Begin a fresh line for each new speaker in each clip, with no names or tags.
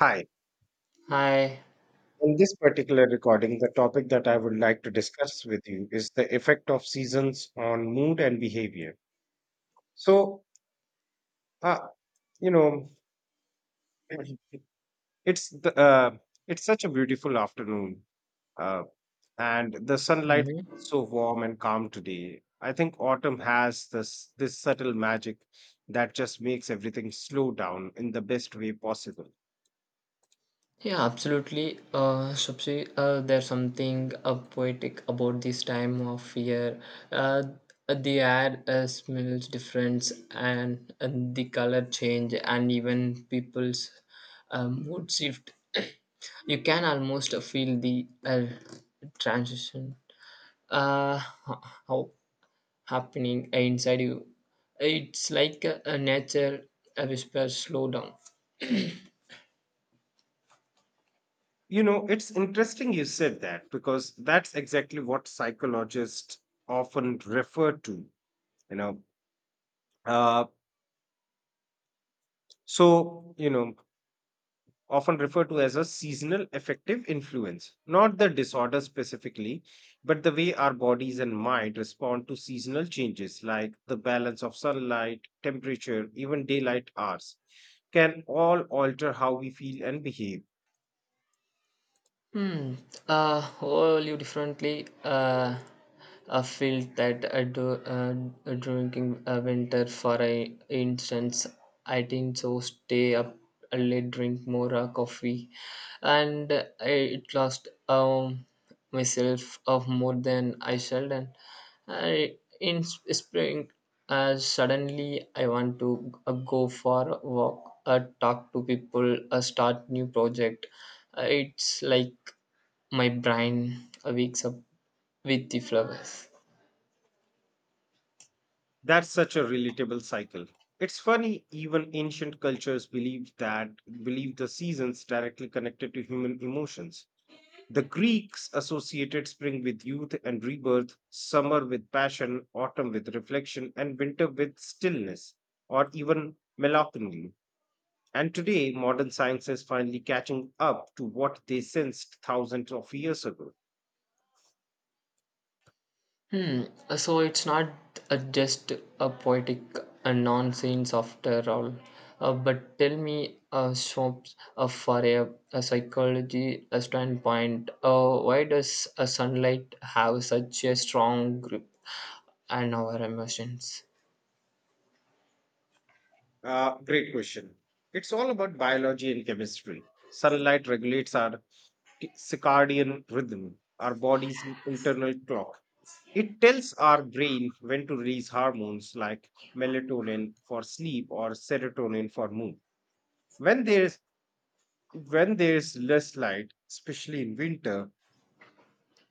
Hi.
Hi.
In this particular recording, the topic that I would like to discuss with you is the effect of seasons on mood and behavior. So, uh, you know, it's the, uh, it's such a beautiful afternoon, uh, and the sunlight is
Hmm.
so warm and calm today. I think autumn has this subtle magic that just makes everything slow down in the best way possible.
Yeah, absolutely. Shubhsi, there's something poetic about this time of year. Uh, the air smells different, and the color change, and even people's mood shift. You can almost feel the transition uh, how happening inside you. It's like a nature a whisper, slow down.
You know, it's interesting you said that because that's exactly what psychologists often refer to, you know. Uh, so, you know, often referred to as a seasonal affective influence, not the disorder specifically, but the way our bodies and mind respond to seasonal changes like the balance of sunlight, temperature, even daylight hours can all alter how we feel and behave.
Hmm. Whole you differently. I feel that I do uh, drinking winter for a instance. I think so. Stay up late, drink more coffee, and it lost. Myself of more than I shall and I in spring suddenly I want to go for a walk talk to people start new project it's like my brain wakes up with the flowers.
That's such a relatable cycle. It's funny, even ancient cultures believed the seasons directly connected to human emotions. The Greeks associated spring with youth and rebirth, summer with passion, autumn with reflection, and winter with stillness, or even melancholy. And today, modern science is finally catching up to what they sensed thousands of years ago.
Hmm. So it's not just a poetic nonsense after all. But tell me, so, for a psychology standpoint, why does sunlight have such a strong grip on our emotions?
Great question. It's all about biology and chemistry. Sunlight regulates our circadian rhythm, our body's internal clock. It tells our brain when to release hormones like melatonin for sleep or serotonin for mood. When there's when there's less light, especially in winter,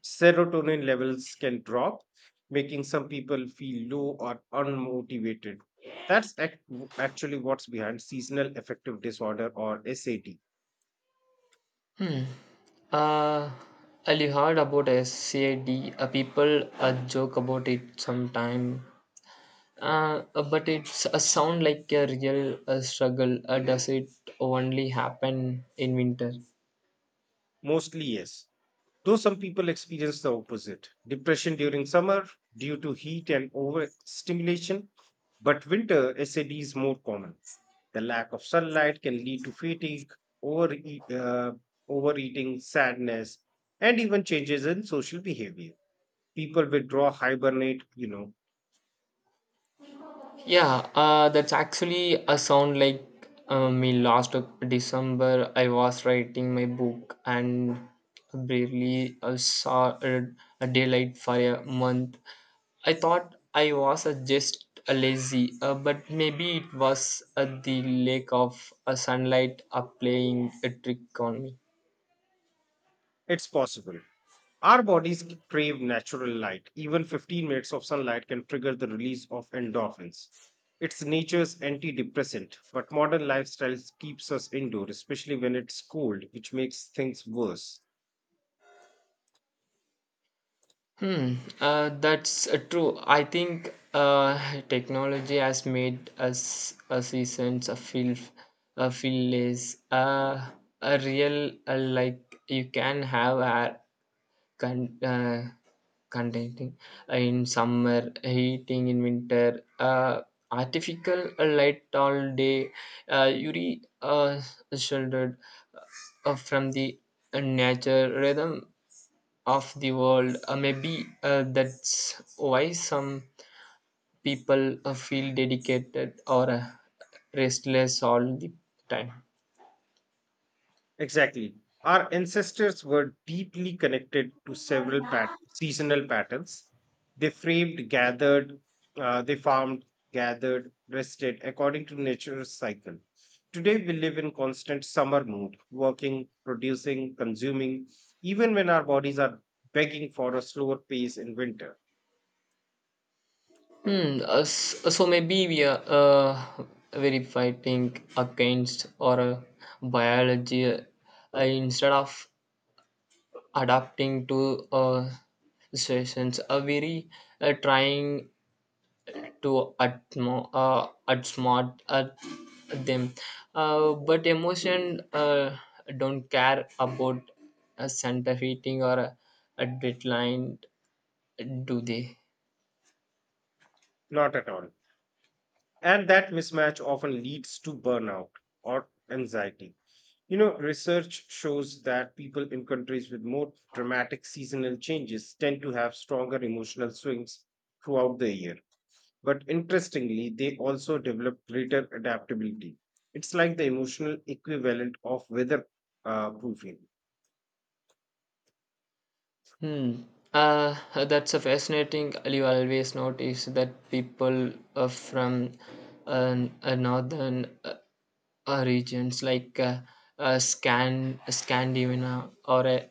serotonin levels can drop, making some people feel low or unmotivated. That's ac- Actually, what's behind seasonal affective disorder or SAD.
Hmm. Uh, well, you heard about SCAD. People joke about it sometime. Uh, but it's a sound like a real struggle. Does it only happen in winter?
Mostly, yes. Though some people experience the opposite depression during summer due to heat and overstimulation, but winter SAD is more common. The lack of sunlight can lead to fatigue, over e, uh, overeating, sadness, and even changes in social behavior. People withdraw, hibernate,
Yeah, that's actually a sound like me last December. I was writing my book and barely saw a daylight for a month. I thought I was just lazy, but maybe it was the lack of sunlight playing a trick on me.
it's possible. Our bodies crave natural light. Even 15 minutes of sunlight can trigger the release of endorphins. It's nature's antidepressant, but modern lifestyles keeps us indoor, especially when it's cold, which makes things worse.
Hmm, that's true. I think technology has made us a seasons a feel less a real like you can have a con- uh, contenting in summer heating in winter artificial light all day you re uh, shouldered from the nature rhythm of the world. Maybe that's why some people feel dedicated or restless all the time.
Exactly. Our ancestors were deeply connected to several seasonal patterns. They framed, gathered, they farmed, gathered, rested according to nature's cycle. Today, we live in constant summer mood, working, producing, consuming, even when our bodies are begging for a slower pace in winter.
Hmm. So maybe we are very fighting against or biology instead of adapting to situations. Are very trying to outsmart them. But emotion don't care about a center heating or a deadline, do they?
Not at all. And that mismatch often leads to burnout or anxiety. You know, research shows that people in countries with more dramatic seasonal changes tend to have stronger emotional swings throughout the year. But interestingly, they also develop greater adaptability. It's like the emotional equivalent of weather proofing.
Hmm. Uh, that's a fascinating. You always notice that people from northern regions like Scandinavia or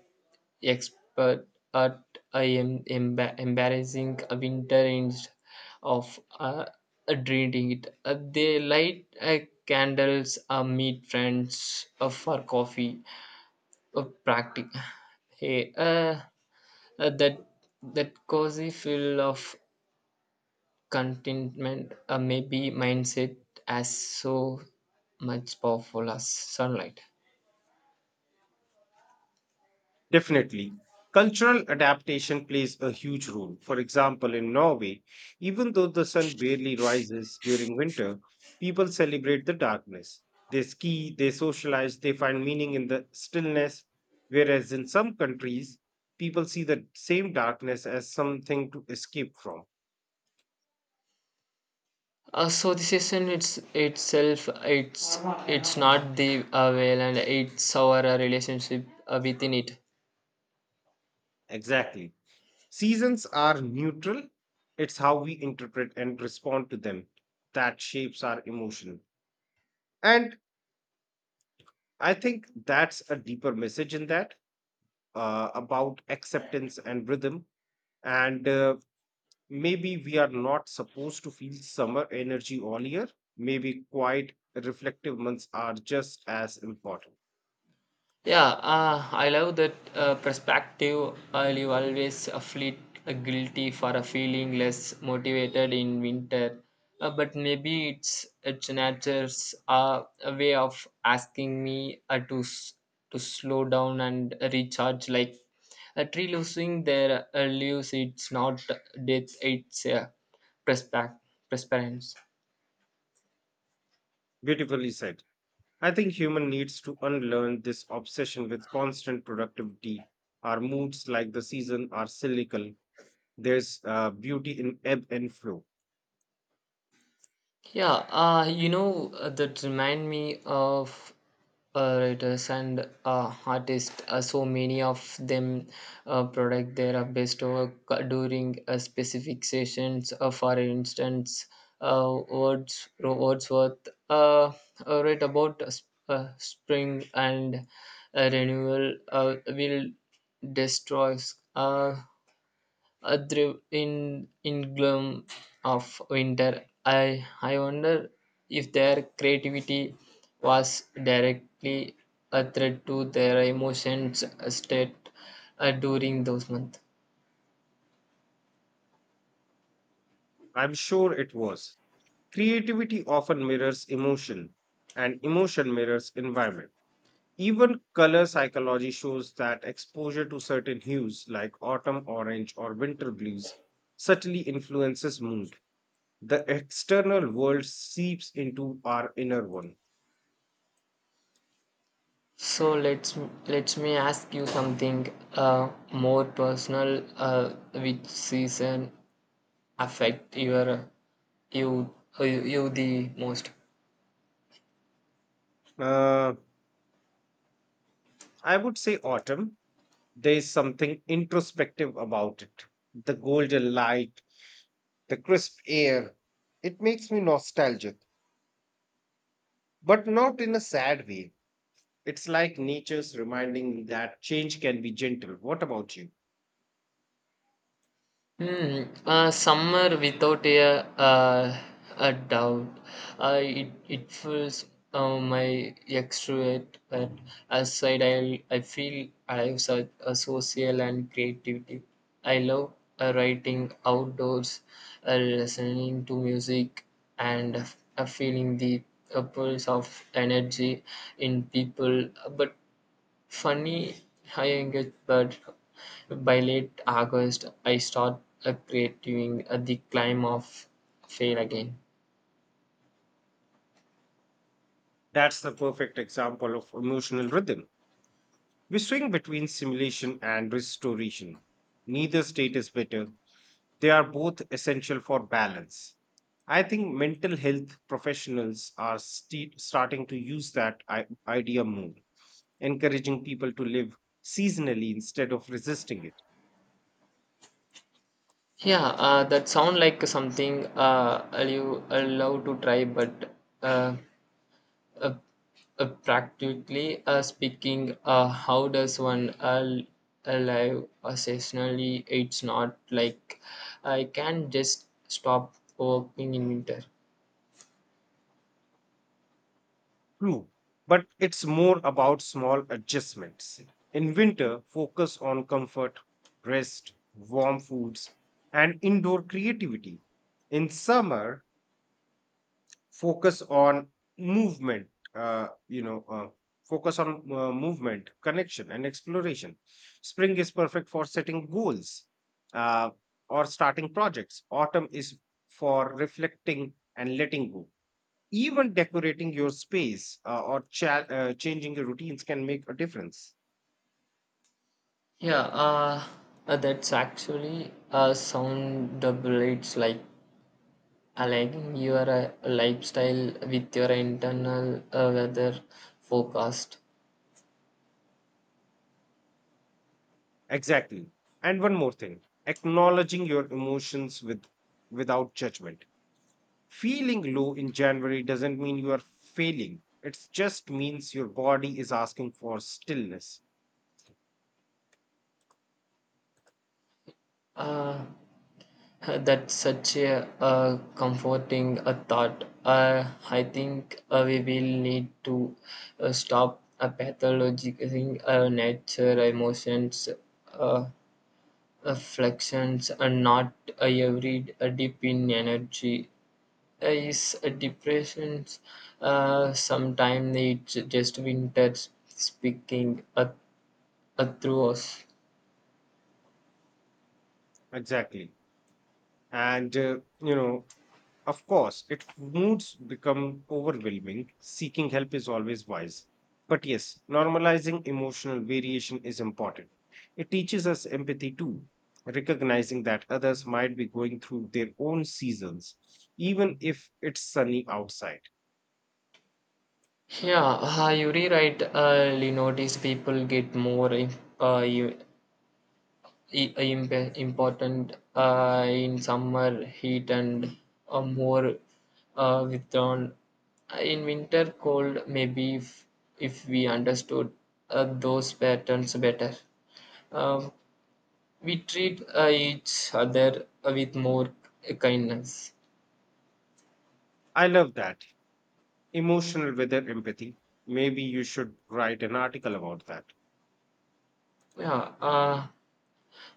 expert at a embarrassing a winter instead of dreading it. They light candles, meet friends for coffee, practice. Hey, uh, that that cozy feel of contentment may be mindset as so much powerful as sunlight.
Definitely. Cultural adaptation plays a huge role. For example, in Norway, even though the sun barely rises during winter, people celebrate the darkness. They ski, they socialize, they find meaning in the stillness. Whereas in some countries, people see the same darkness as something to escape from.
So it's itself it's not the well and it's our relationship within it.
Exactly. Seasons are neutral, it's how we interpret and respond to them that shapes our emotion. And I think that's a deeper message in that about acceptance and rhythm. And Maybe we are not supposed to feel summer energy all year. Maybe quiet, reflective months are just as important.
Yeah, I love that perspective. I'll always feel guilty for a feeling less motivated in winter, but maybe it's nature's a way of asking me to slow down and recharge. Like a tree losing their leaves, it's not death; it's perspect- perseverance.
Beautifully said. I think human needs to unlearn this obsession with constant productivity. Our moods, like the season, are cyclical. There's beauty in ebb and flow.
Yeah, that remind me of writers and artists. So many of them product their best work during specific sessions. For instance, Wordsworth wrote about spring and renewal will destroy. Uh, Through in gloom of winter, I wonder if their creativity was directly a threat to their emotions state during those months.
I'm sure it was. Creativity often mirrors emotion, and emotion mirrors environment. Even color psychology shows that exposure to certain hues like autumn orange or winter blues subtly influences mood. The external world seeps into our inner one.
So let me ask you something more personal. Which season affect your you you you the most?
Uh, I would say autumn. There is something introspective about it. The golden light, the crisp air. It makes me nostalgic, but not in a sad way. It's like nature's reminding me that change can be gentle. What about you?
Hmm. Summer without uh, a doubt. It fills my extrovert but aside. I feel I have such a social and creativity. I love writing outdoors, listening to music, and feeling the pulse of energy in people. But funny I get, but by late August, I start creating the climb of fail again.
That's the perfect example of emotional rhythm. We swing between simulation and restoration. Neither state is better. They are both essential for balance. I think mental health professionals are starting to use that idea more, encouraging people to live seasonally instead of resisting it.
Yeah, that sound like something you allow to try, but uh, uh, practically speaking, how does one alive seasonally? It's not like I can just stop working in winter.
True, but it's more about small adjustments. In winter, focus on comfort, rest, warm foods, and indoor creativity. In summer, focus on movement, you know, Focus on movement, connection, and exploration. Spring is perfect for setting goals uh, or starting projects. Autumn is for reflecting and letting go, even decorating your space or changing your routines can make a difference.
Yeah, that's actually a sound double. It's like aligning your lifestyle with your internal weather forecast.
Exactly. And one more thing, acknowledging your emotions without judgment. Feeling low in January doesn't mean you are failing. It just means your body is asking for stillness.
Uh, that's such a comforting thought. I think we will need to stop pathologizing nature emotions. Uh, Afflictions and not every deep in energy is a depression sometimes it's just winter speaking through us.
Exactly. And uh, you know, Of course, if moods become overwhelming, seeking help is always wise. But yes, normalizing emotional variation is important. It teaches us empathy too, recognizing that others might be going through their own seasons, even if it's sunny outside.
Yeah, you rewrite you notice people get more important in summer heat and more withdrawn in winter cold maybe if we understood those patterns better. Um we treat each other with more kindness.
I love that. Emotional weather empathy. Maybe you should write an article about that.
Yeah,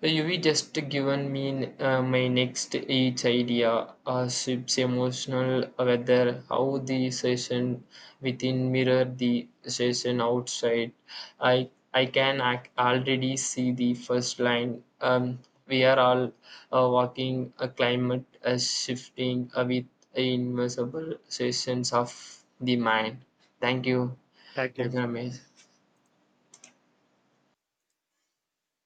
you we just given me my next each idea ship's emotional whether how the session within mirror the session outside. I can already see the first line. We are all walking a climate shifting with invisible sessions of the mind. Thank you.
Thank
Thank
you.
you.